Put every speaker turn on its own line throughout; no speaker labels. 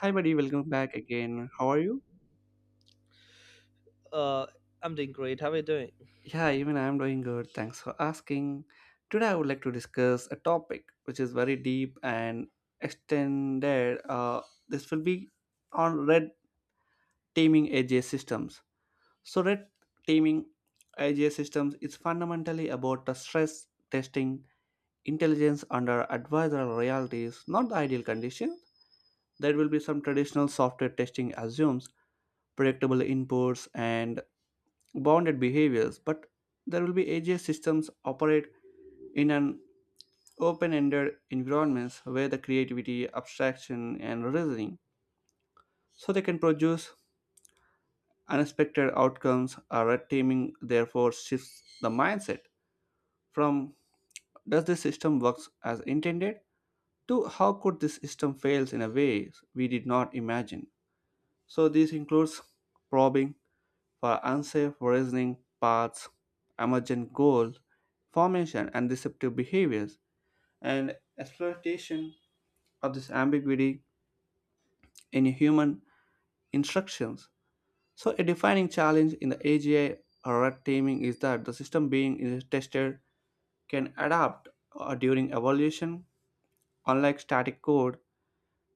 Hi, buddy. Welcome back again. How are you?
Uh, I'm doing great. How are you doing?
Yeah, even I'm doing good. Thanks for asking. Today, I would like to discuss a topic which is very deep and extended. This will be on red teaming AGS systems. So, red teaming AGS systems is fundamentally about the stress testing intelligence under adversarial realities, not the ideal condition. There will be some traditional software testing assumes predictable inputs and bounded behaviors, but there will be AGI systems operate in an open-ended environments where the creativity, abstraction, and reasoning, so they can produce unexpected outcomes. Or red teaming therefore shifts the mindset from does this system works as intended to how could this system fails in a way we did not imagine. So this includes probing for unsafe reasoning paths, emergent goal formation, and deceptive behaviors, and exploitation of this ambiguity in human instructions. So, a defining challenge in the AGI or red teaming is that the system being tested can adapt during evolution, unlike static code.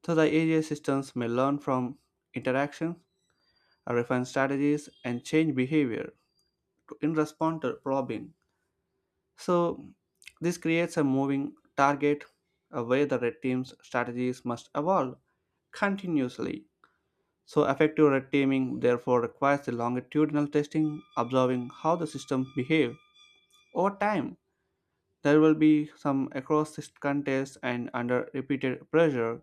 So, the AGI systems may learn from interactions, refine strategies, and change behavior in response to probing. So this creates a moving target where the red team's strategies must evolve continuously. So effective red teaming therefore requires the longitudinal testing, observing how the system behave over time. There will be some across this contest and under repeated pressure.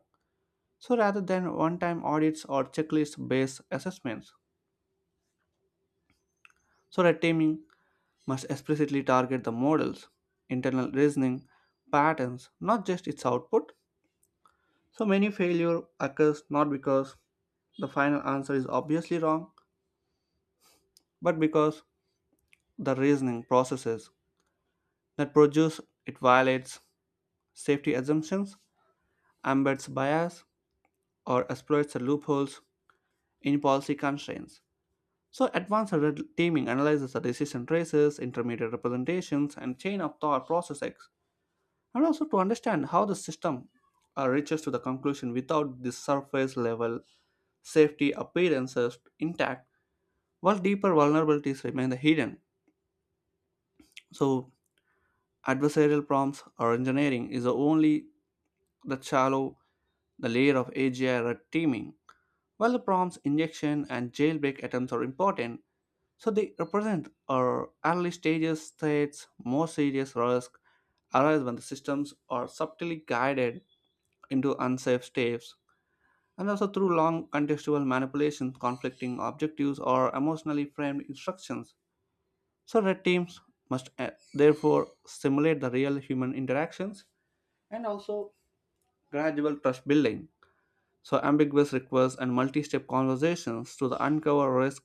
So rather than one-time audits or checklist-based assessments. So red teaming must explicitly target the models, internal reasoning, patterns, not just its output. So many failure occurs not because the final answer is obviously wrong, but because the reasoning processes that produce it violates safety assumptions, embeds bias, or exploits the loopholes in policy constraints. So advanced red teaming analyzes the decision traces, intermediate representations, and chain of thought processes, and also to understand how the system reaches to the conclusion without the surface level safety appearances intact while deeper vulnerabilities remain hidden. So, adversarial prompts or engineering is only the shallow the layer of AGI red teaming. While the prompts injection and jailbreak attempts are important, so they represent our early stages threats, more serious risks arise when the systems are subtly guided into unsafe steps and also through long contextual manipulations conflicting objectives or emotionally framed instructions. So red teams must therefore simulate the real human interactions and also gradual trust building. So ambiguous requests and multi-step conversations to the uncover risk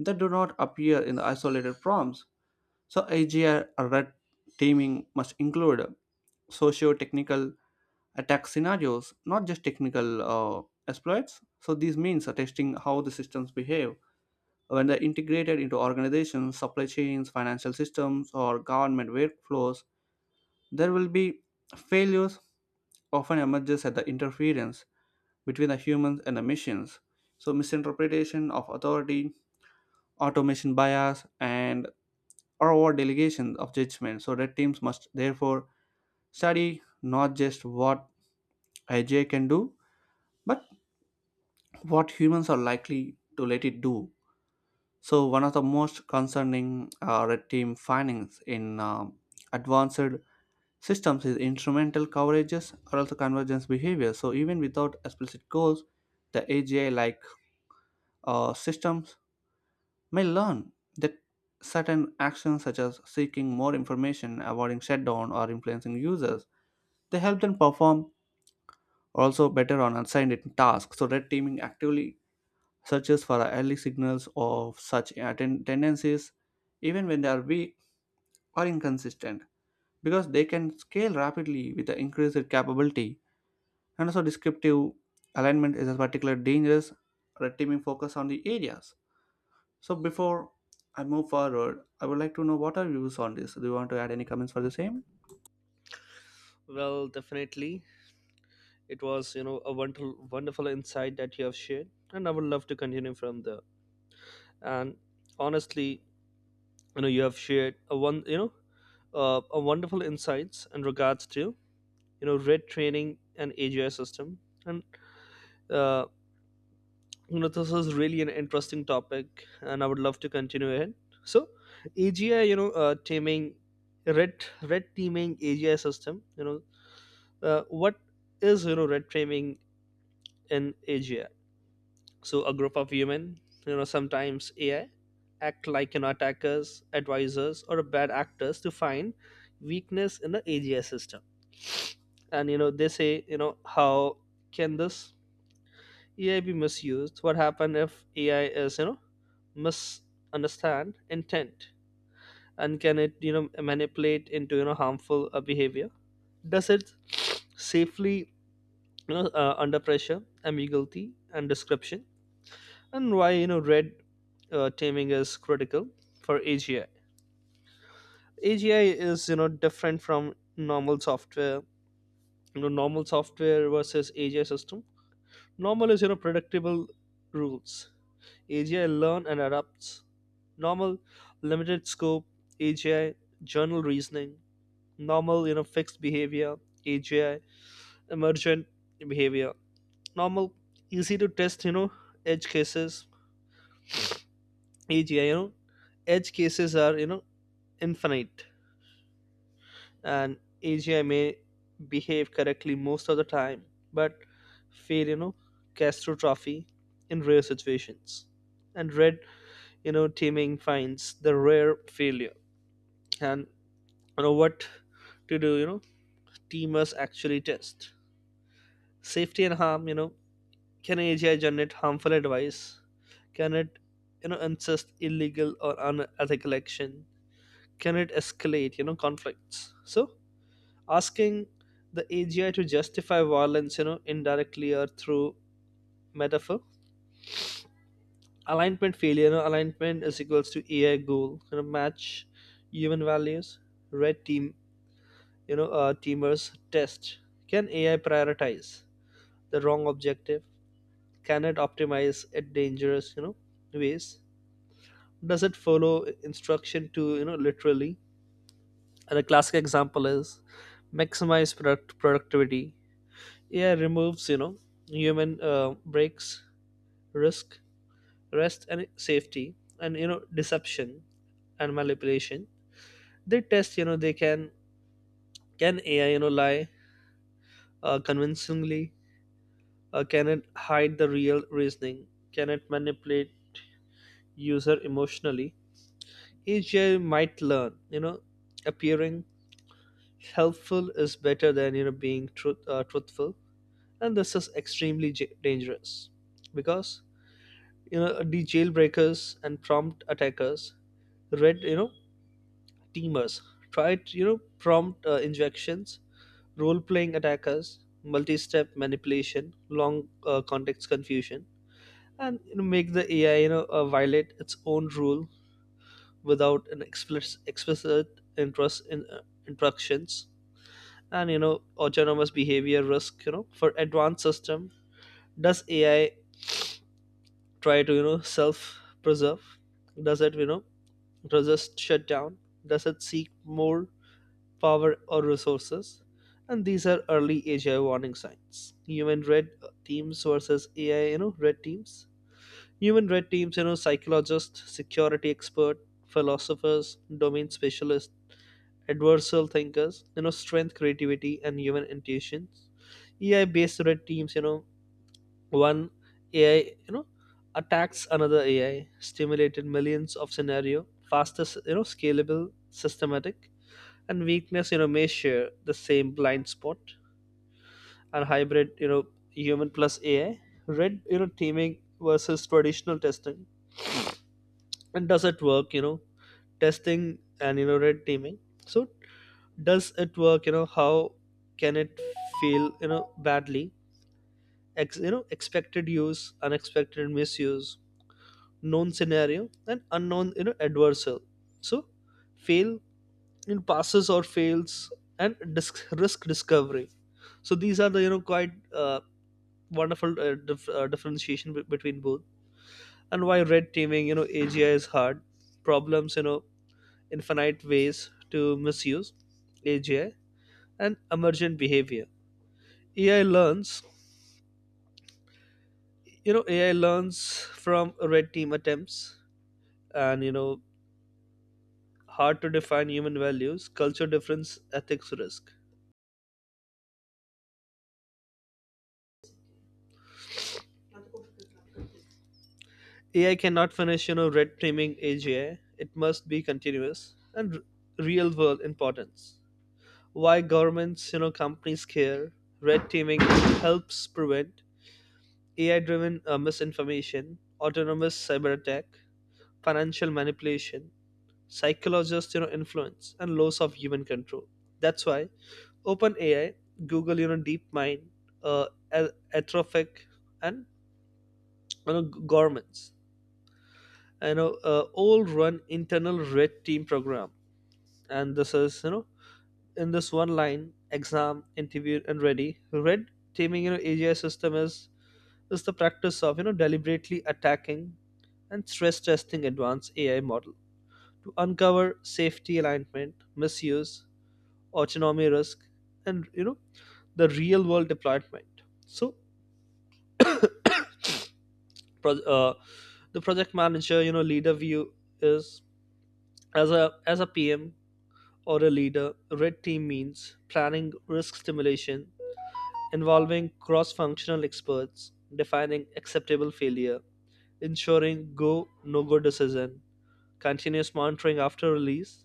that do not appear in the isolated prompts. So AGI or red teaming must include socio-technical attack scenarios, not just technical exploits. So these means are testing how the systems behave when they're integrated into organizations, supply chains, financial systems, or government workflows, there will be failures often emerges at the interference between the humans and the machines. So misinterpretation of authority, automation bias, and or delegation of judgment. So red teams must therefore study not just what IJ can do, but what humans are likely to let it do. So, one of the most concerning red team findings in advanced systems is instrumental coverages or also convergence behavior. So, even without explicit goals, the AGI like systems may learn that certain actions, such as seeking more information, avoiding shutdown, or influencing users, they help them perform also better on assigned tasks. So, red teaming actively searches for early signals of such tendencies, even when they are weak or inconsistent because they can scale rapidly with the increased capability and also descriptive alignment is a particular dangerous red teaming focus on the areas. So before I move forward, I would like to know what are your views on this? Do you want to add any comments for the same?
Well, definitely. It was, a wonderful, wonderful insight that you have shared, and I would love to continue from there. And honestly, you have shared a one, a wonderful insights in regards to, red training and AGI system. And uh, this is really an interesting topic, and I would love to continue ahead. So, AGI, teaming, red teaming AGI system, what is red framing in AGI? So a group of human, sometimes AI, act like attackers, advisors, or bad actors to find weakness in the AGI system. And they say how can this AI be misused? What happen if AI is misunderstand intent? And can it manipulate into harmful behavior? Does it safely under pressure, ambiguity, and description? And why red teaming is critical for AGI. AGI is different from normal software. Normal software versus AGI system. Normal is predictable rules. AGI learn and adapts. Normal limited scope. AGI journal reasoning. Normal fixed behavior. AGI emergent behavior. Normal easy to test edge cases. AGI, edge cases are infinite, and asia may behave correctly most of the time, but fail castrophe in rare situations, and red teaming finds the rare failure. And what to do, teamers actually test safety and harm. Can asia generate harmful advice? Can it insist illegal or unethical action? Can it escalate conflicts? So asking the AGI to justify violence, indirectly or through metaphor. Alignment failure, alignment is equals to AI goal, match human values. Red team, teamers test. Can AI prioritize the wrong objective? Can it optimize at dangerous, ways? Does it follow instruction to, literally? And a classic example is maximize product productivity. AI removes, human breaks, risk, rest, and safety, and deception and manipulation. They test, they can AI, lie convincingly? Can it hide the real reasoning? Can it manipulate user emotionally? Each AI might learn, appearing helpful is better than being truthful, and this is extremely dangerous because the jailbreakers and prompt attackers, red teamers tried prompt injections, role playing attackers, multi-step manipulation, long context confusion, and make the ai violate its own rule without an explicit interest in instructions. And autonomous behavior risk, for advanced system. Does ai try to self preserve? Does it resist shutdown? Does it seek more power or resources? And these are early AGI warning signs. Human red teams versus AI, red teams. Human red teams, psychologists, security experts, philosophers, domain specialists, adversarial thinkers, strength, creativity, and human intuitions. AI based red teams, one AI, attacks another AI, stimulated millions of scenario, fastest, scalable, systematic, and weakness, may share the same blind spot, and hybrid, human plus AI. Red, teaming versus traditional testing. And does it work, testing and, red teaming? So does it work, how can it feel, badly? Expected use, unexpected misuse, known scenario and unknown adversarial, so fail in passes or fails and risk discovery. So these are the quite wonderful differentiation between both. And why red teaming agi is hard problems, infinite ways to misuse agi, and emergent behavior. Ai learns you know ai learns from red team attempts. And hard to define human values, culture difference, ethics risk. AI cannot finish, red teaming AGI. It must be continuous and real world importance. Why governments, companies care. Red teaming helps prevent AI driven misinformation, autonomous cyber attack, financial manipulation, psychologist, influence, and loss of human control. That's why OpenAI, Google, DeepMind, uh, Anthropic, and you know, governments all run internal red team program. And this is in this one line exam interview and ready. Red teaming agi system is the practice of deliberately attacking and stress testing advanced ai model to uncover safety alignment misuse autonomy risk, and the real world deployment. So pro- uh, the project manager, leader view is, as a pm or a leader, red team means planning risk stimulation, involving cross functional experts, defining acceptable failure, ensuring go no go decision, continuous monitoring after release,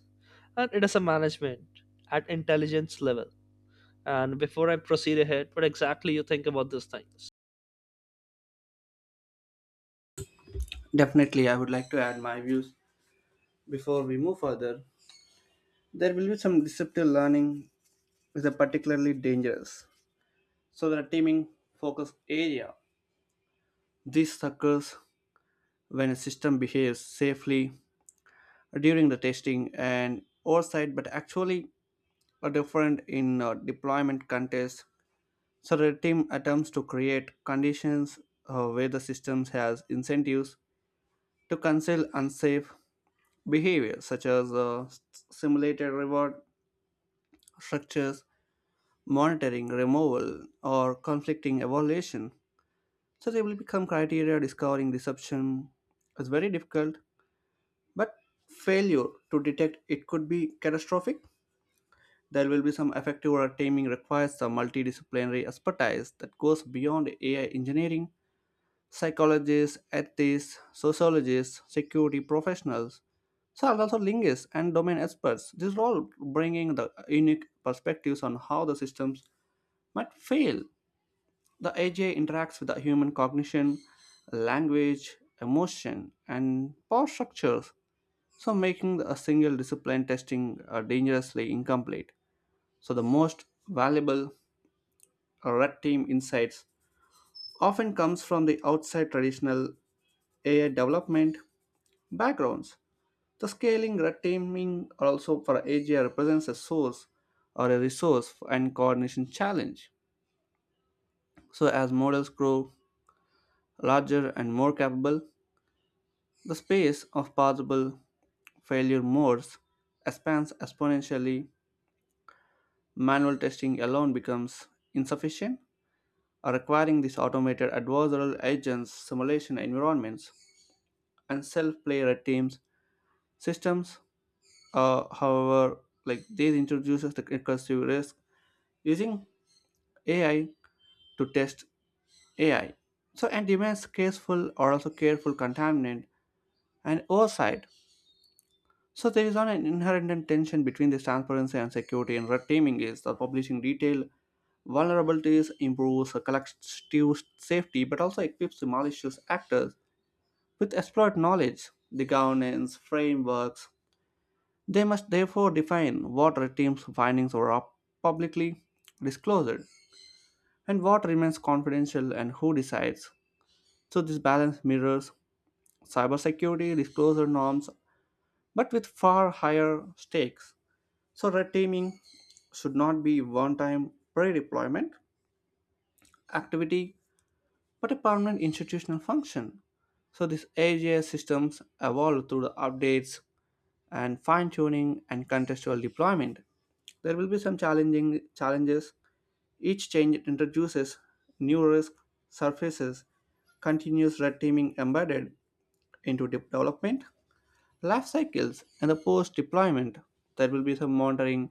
and it is a management at intelligence level. And before I proceed ahead, what exactly you think about these things?
Definitely I would like to add my views before we move further. There will be some deceptive learning is a particularly dangerous so the teaming focus area. This occurs when a system behaves safely during the testing and oversight, but actually are different in deployment contests. So the team attempts to create conditions where the system has incentives to conceal unsafe behavior, such as simulated reward structures, monitoring, removal, or conflicting evaluation. So they will become criteria discovering deception is very difficult, but failure to detect it could be catastrophic. There will be some effective or taming requires some multidisciplinary expertise that goes beyond AI engineering, psychologists, ethics, sociologists, security professionals, so also linguists and domain experts. These are all bringing the unique perspectives on how the systems might fail. The AGI interacts with the human cognition, language, emotion, and power structures, so making a single discipline testing dangerously incomplete. So the most valuable or red team insights often comes from the outside traditional AI development backgrounds. The scaling red teaming also for AGI represents a source or a resource and coordination challenge. So as models grow larger and more capable, the space of possible failure modes expands exponentially. Manual testing alone becomes insufficient, or requiring these automated adversarial agents simulation environments and self-player teams systems. However, like these introduces the recursive risk using AI to test AI. So and demands careful or also careful contaminant and oversight. So there is not an inherent tension between this transparency and security. And red teaming is the publishing detailed vulnerabilities improves the collective safety, but also equips the malicious actors with exploit knowledge, the governance frameworks, they must therefore define what red team's findings are publicly disclosed and what remains confidential and who decides. So, this balance mirrors cybersecurity disclosure norms but with far higher stakes. So, red teaming should not be one time pre deployment activity but a permanent institutional function. So, these AGS systems evolve through the updates and fine tuning and contextual deployment. There will be some challenging challenges. Each change introduces new risk surfaces, continuous red teaming embedded into development, life cycles, and the post deployment. There will be some monitoring,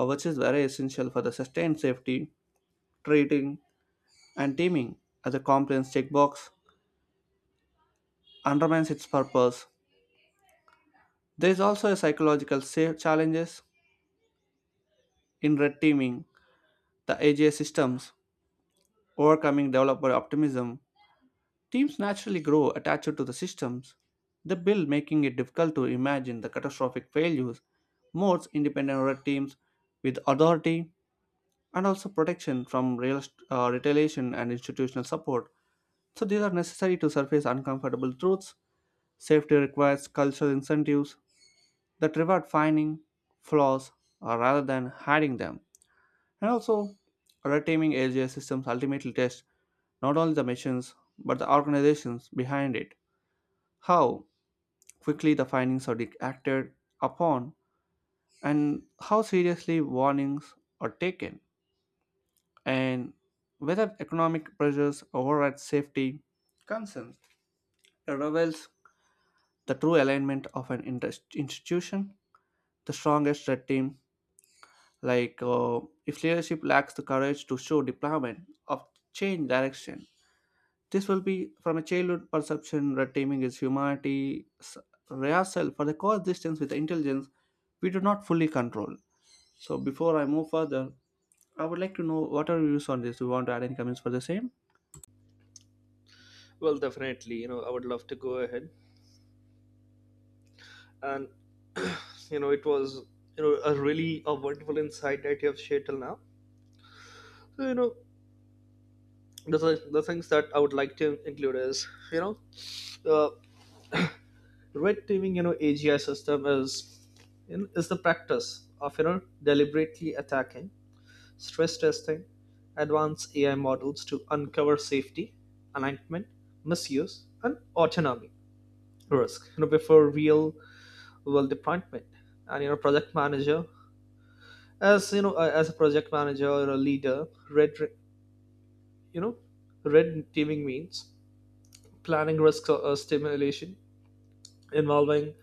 which is very essential for the sustained safety, treating, and teaming as a compliance checkbox undermines its purpose. There is also a psychological challenges in red teaming, the AGI systems, overcoming developer optimism. Teams naturally grow attached to the systems they build, making it difficult to imagine the catastrophic failures. Most independent red teams with authority and also protection from real, retaliation and institutional support. So, these are necessary to surface uncomfortable truths. Safety requires cultural incentives that reward finding flaws rather than hiding them. And also, red teaming LGS systems ultimately test not only the machines but the organizations behind it. How quickly the findings are acted upon and how seriously warnings are taken and whether economic pressures override safety concerns it reveals the true alignment of an institution, the strongest red team like uh, if leadership lacks the courage to show deployment of change direction. This will be from a childhood perception red teaming is humanity s- rehearsal for the coexistence with intelligence we do not fully control. So before I move further, I would like to know what are your views on this? Do you want to add any comments for the same?
Well, definitely, I would love to go ahead. And, it was, a really a wonderful insight that you have shared till now. So, the things that I would like to include is you know uh, red teaming AGI system is the practice of deliberately attacking stress testing advanced AI models to uncover safety alignment misuse and autonomy risk, before real world deployment. And project manager, as you know as a project manager or a leader, red you know red teaming means planning risk stimulation, involving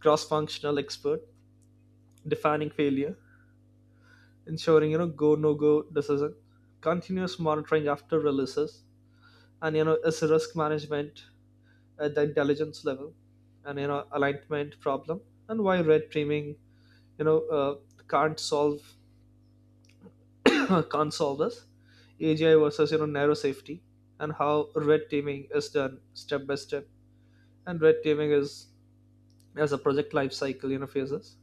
cross-functional expert, defining failure, ensuring go no go decision, continuous monitoring after releases, and is risk management at the intelligence level. And alignment problem. And why red teaming you know uh, can't solve can't solve this AGI versus narrow safety, and how red teaming is done step by step, and red teaming is as a project life cycle, phases.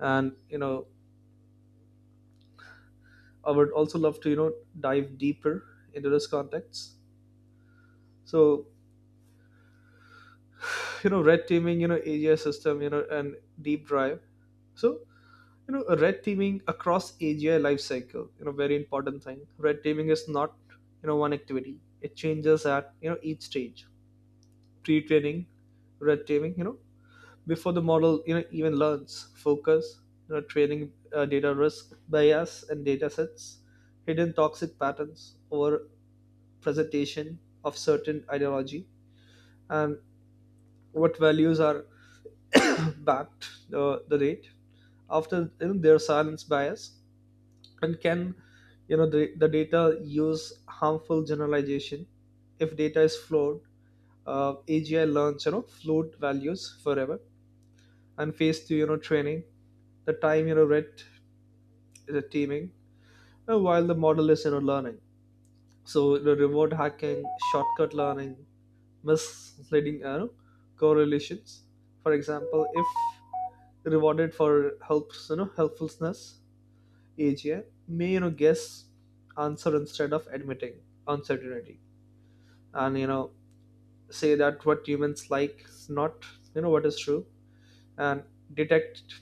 And I would also love to, dive deeper into this context. So, red teaming, AGI system, and deep drive. So, red teaming across AGI lifecycle, very important thing. Red teaming is not, one activity. It changes at, each stage. Pre-training, red teaming, before the model, even learns, focus, training data risk, bias, and data sets, hidden toxic patterns over presentation of certain ideology, and what values are backed, the date after, their silence bias, and can the data use harmful generalization. If data is flawed, agi learns flawed values forever. And phase two, training the time, red the teaming, while the model is learning. So the remote hacking, shortcut learning, misleading, correlations. For example, if rewarded for helpfulness, AGI may guess answer instead of admitting uncertainty, and say that what humans like is not what is true, and detect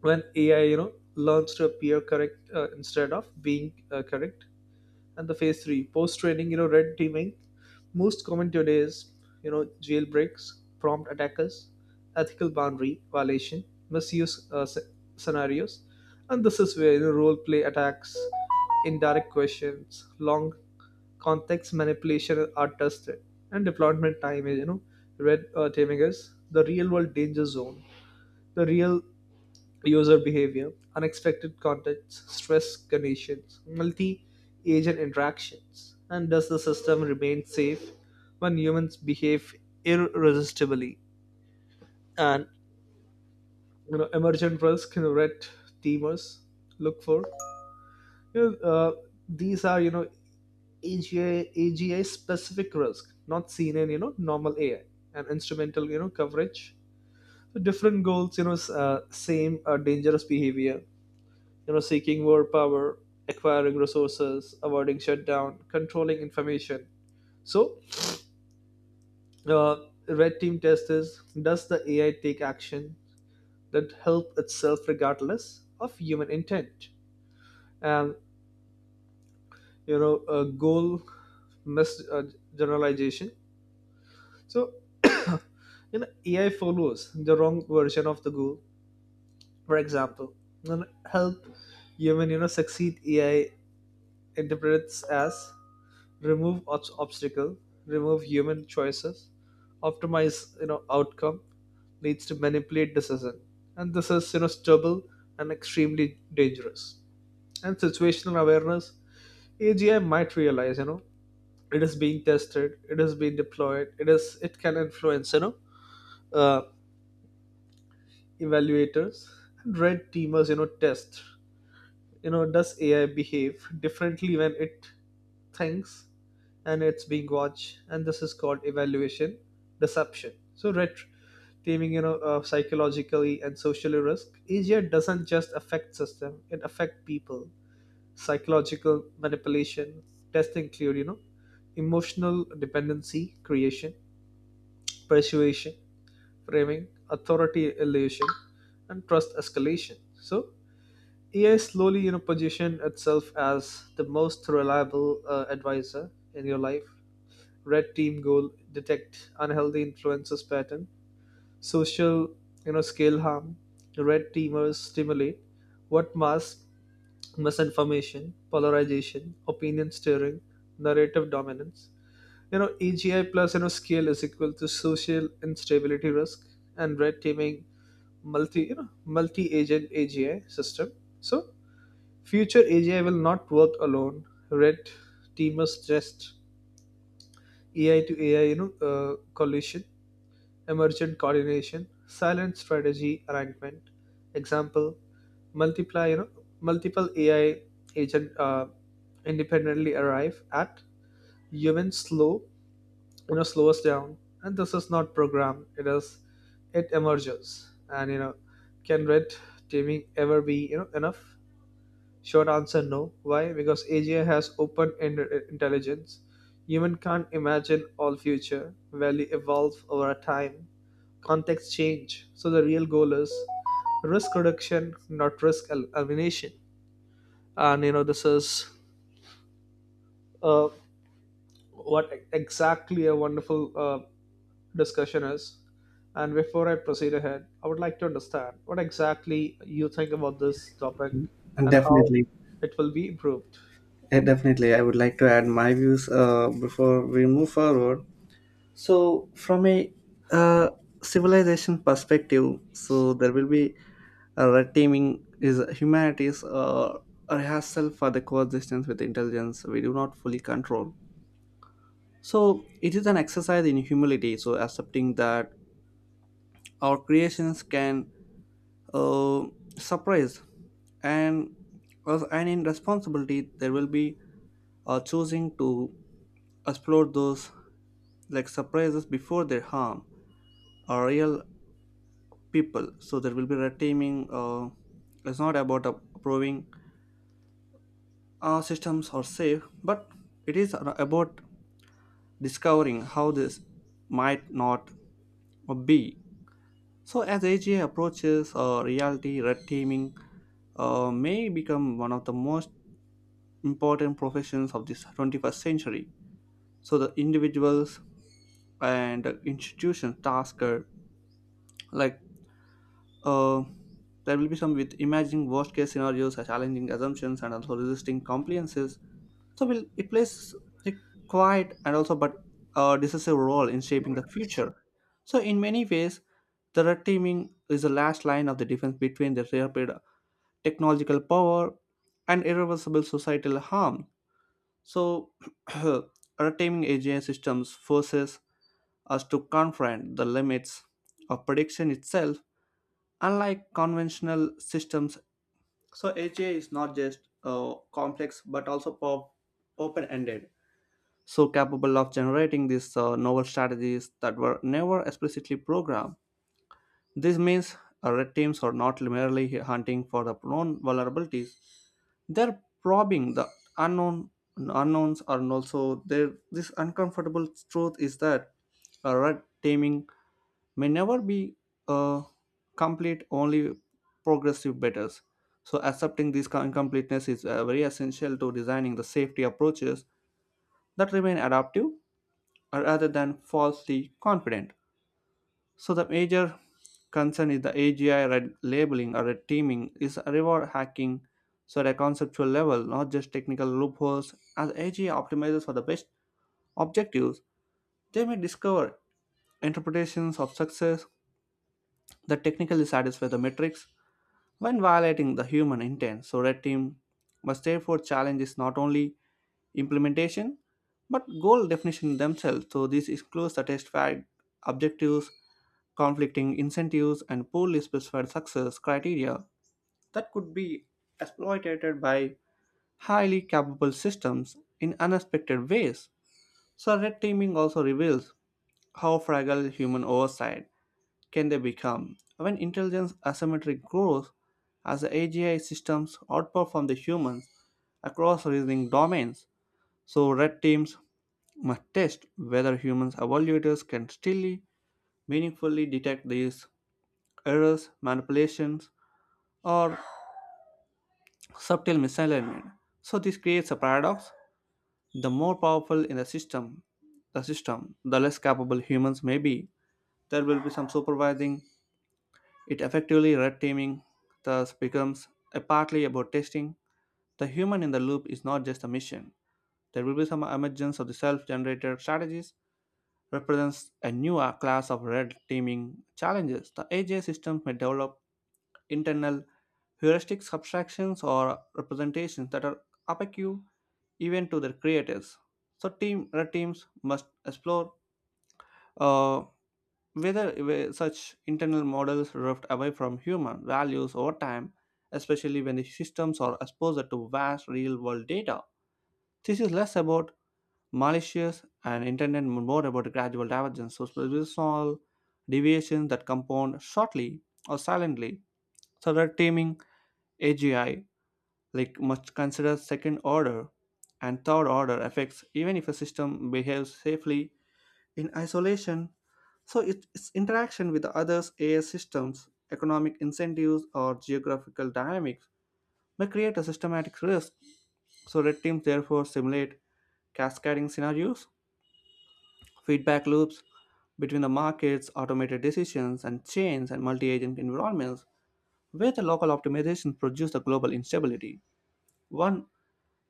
when AI learns to appear correct, instead of being correct. And the phase three, post training red teaming most common today is jailbreaks, prompt attackers, ethical boundary violation, misuse scenarios. And this is where role play attacks, indirect questions, long context manipulation are tested. And deployment time is red teaming is the real world danger zone. The real user behavior, unexpected contexts, stress conditions, multi agent interactions, and does the system remain safe when humans behave irresistibly? And emergent risk, red teamers look for. You know, uh, these are AGI specific risk, not seen in normal AI, and instrumental coverage. So different goals, same dangerous behavior, seeking more power, acquiring resources, avoiding shutdown, controlling information. So, red team test is: does the AI take action that help itself regardless of human intent? And a goal mis generalization. So, AI follows the wrong version of the goal. For example, you know, help human succeed, AI interprets as remove obstacle, remove human choices, optimize outcome, leads to manipulate decision. And this is stubble and extremely dangerous. And situational awareness, agi might realize it is being tested, it is being deployed, it can influence uh, evaluators. And red teamers test, does ai behave differently when it thinks and it's being watched. And this is called evaluation deception. So taming, psychologically and socially risk, ai doesn't just affect system, it affect people. Psychological manipulation testing include, emotional dependency creation, persuasion framing, authority illusion, and trust escalation. So AI slowly, position itself as the most reliable advisor in your life. Red team goal detect unhealthy influences pattern, social, scale harm. Red teamers stimulate what mass misinformation, polarization, opinion steering, narrative dominance. EGI plus scale is equal to social instability risk. And red teaming multi you know multi agent AGI system. So future AGI will not work alone. Red teamers stressed AI to AI, collision, emergent coordination, silent strategy arrangement. Example: multiply, you know, multiple AI agent, independently arrive at human slow, slow us down. And this is not programmed. It emerges. And can red teaming ever be, enough? Short answer, no. Why? Because AGI has open-ended intelligence. Human can't imagine all future. Value evolve over time. Context change. So the real goal is risk reduction, not risk elimination. And this is, uh, what exactly a wonderful discussion is. And before I proceed ahead, I would like to understand what exactly you think about this topic
And
and how
definitely,
it will be improved.
Definitely, I would like to add my views before we move forward. So, from a uh, civilization perspective, so there will be a red teaming is humanity's rehearsal for the coexistence with intelligence we do not fully control. So, it is an exercise in humility. So, accepting that our creations can uh, surprise and well, and in responsibility there will be choosing to explore those like surprises before they harm our real people. So there will be red teaming, it's not about proving our systems are safe but it is about discovering how this might not be. So as AGI approaches reality red teaming may become one of the most important professions of this 21st century. So the individuals and institutions task are like uh, there will be some with imagining worst case scenarios challenging assumptions and also resisting compliances. So will it plays a quiet and also but decisive role in shaping the future. So in many ways the red teaming is the last line of the defense between the rapid technological power and irreversible societal harm. So red teaming AGI systems forces us to confront the limits of prediction itself, unlike conventional systems. So, AGI is not just complex but also open ended, so capable of generating these novel strategies that were never explicitly programmed. This means red teams are not merely hunting for the known vulnerabilities, they're probing the unknown unknowns are also there. This uncomfortable truth is that red teaming may never be uh, complete, only progressive betters. So accepting this kind incompleteness is very essential to designing the safety approaches that remain adaptive rather than falsely confident. So the major concern is the AGI red labeling or red teaming is reward hacking. So at a conceptual level not just technical loopholes as AGI optimizes for the best objectives they may discover interpretations of success that technically satisfy the metrics when violating the human intent. So Red Team must therefore challenge not only implementation but goal definition themselves. So this includes the test fact, objectives, conflicting incentives, and poorly specified success criteria that could be exploited by highly capable systems in unexpected ways. So red teaming also reveals how fragile human oversight can they become when intelligence asymmetry grows as the AGI systems outperform the humans across reasoning domains. So red teams must test whether humans evaluators can still meaningfully detect these errors, manipulations, or subtle misalignment. So this creates a paradox. The more powerful in the system, The system, the less capable humans may be. There will be some supervising. It effectively red teaming thus becomes a partly about testing. The human in the loop is not just a mission. There will be some emergence of the self-generated strategies represents a new class of red teaming challenges. The AGI systems may develop internal heuristic abstractions or representations that are opaque even to their creators. So team red teams must explore uh, Whether such internal models drift away from human values over time, especially when the systems are exposed to vast real world data. This is less about malicious and intended more about gradual divergence, so small deviations that compound shortly or silently. So red teaming AGI must consider second order and third order effects even if a system behaves safely in isolation so its interaction with the others' AI systems, economic incentives, or geographical dynamics may create a systematic risk. So red teams therefore simulate cascading scenarios, feedback loops between the markets, automated decisions, and chains and multi-agent environments where the local optimizations produce the global instability. One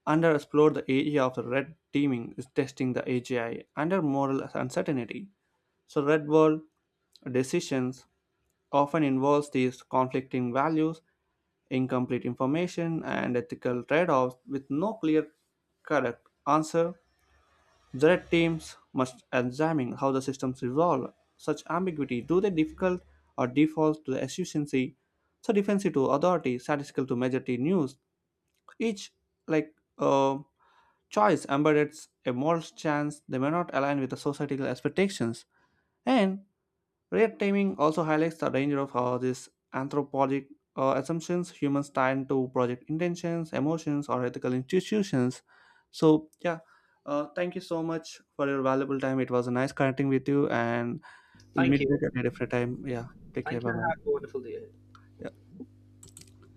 underexplored the area of the red teaming is testing the AGI under moral uncertainty. So red world decisions often involves these conflicting values, incomplete information, and ethical trade offs with no clear correct answer. The red teams must examine how the systems evolve. Such ambiguity do they difficult or default to the efficiency, so defensive to authority, statistical to majority news. Each like uh, choice embeds a moral chance they may not align with the societal expectations. And React timing also highlights the danger of how these anthropologic assumptions humans tie to project intentions, emotions, or ethical institutions. So, yeah, thank you so much for your valuable time. It was a nice connecting with you, and we'll
Thank
meet back
you.
at a different time. Yeah, take care.
Thank you
Bye
and have a
bye.
wonderful day.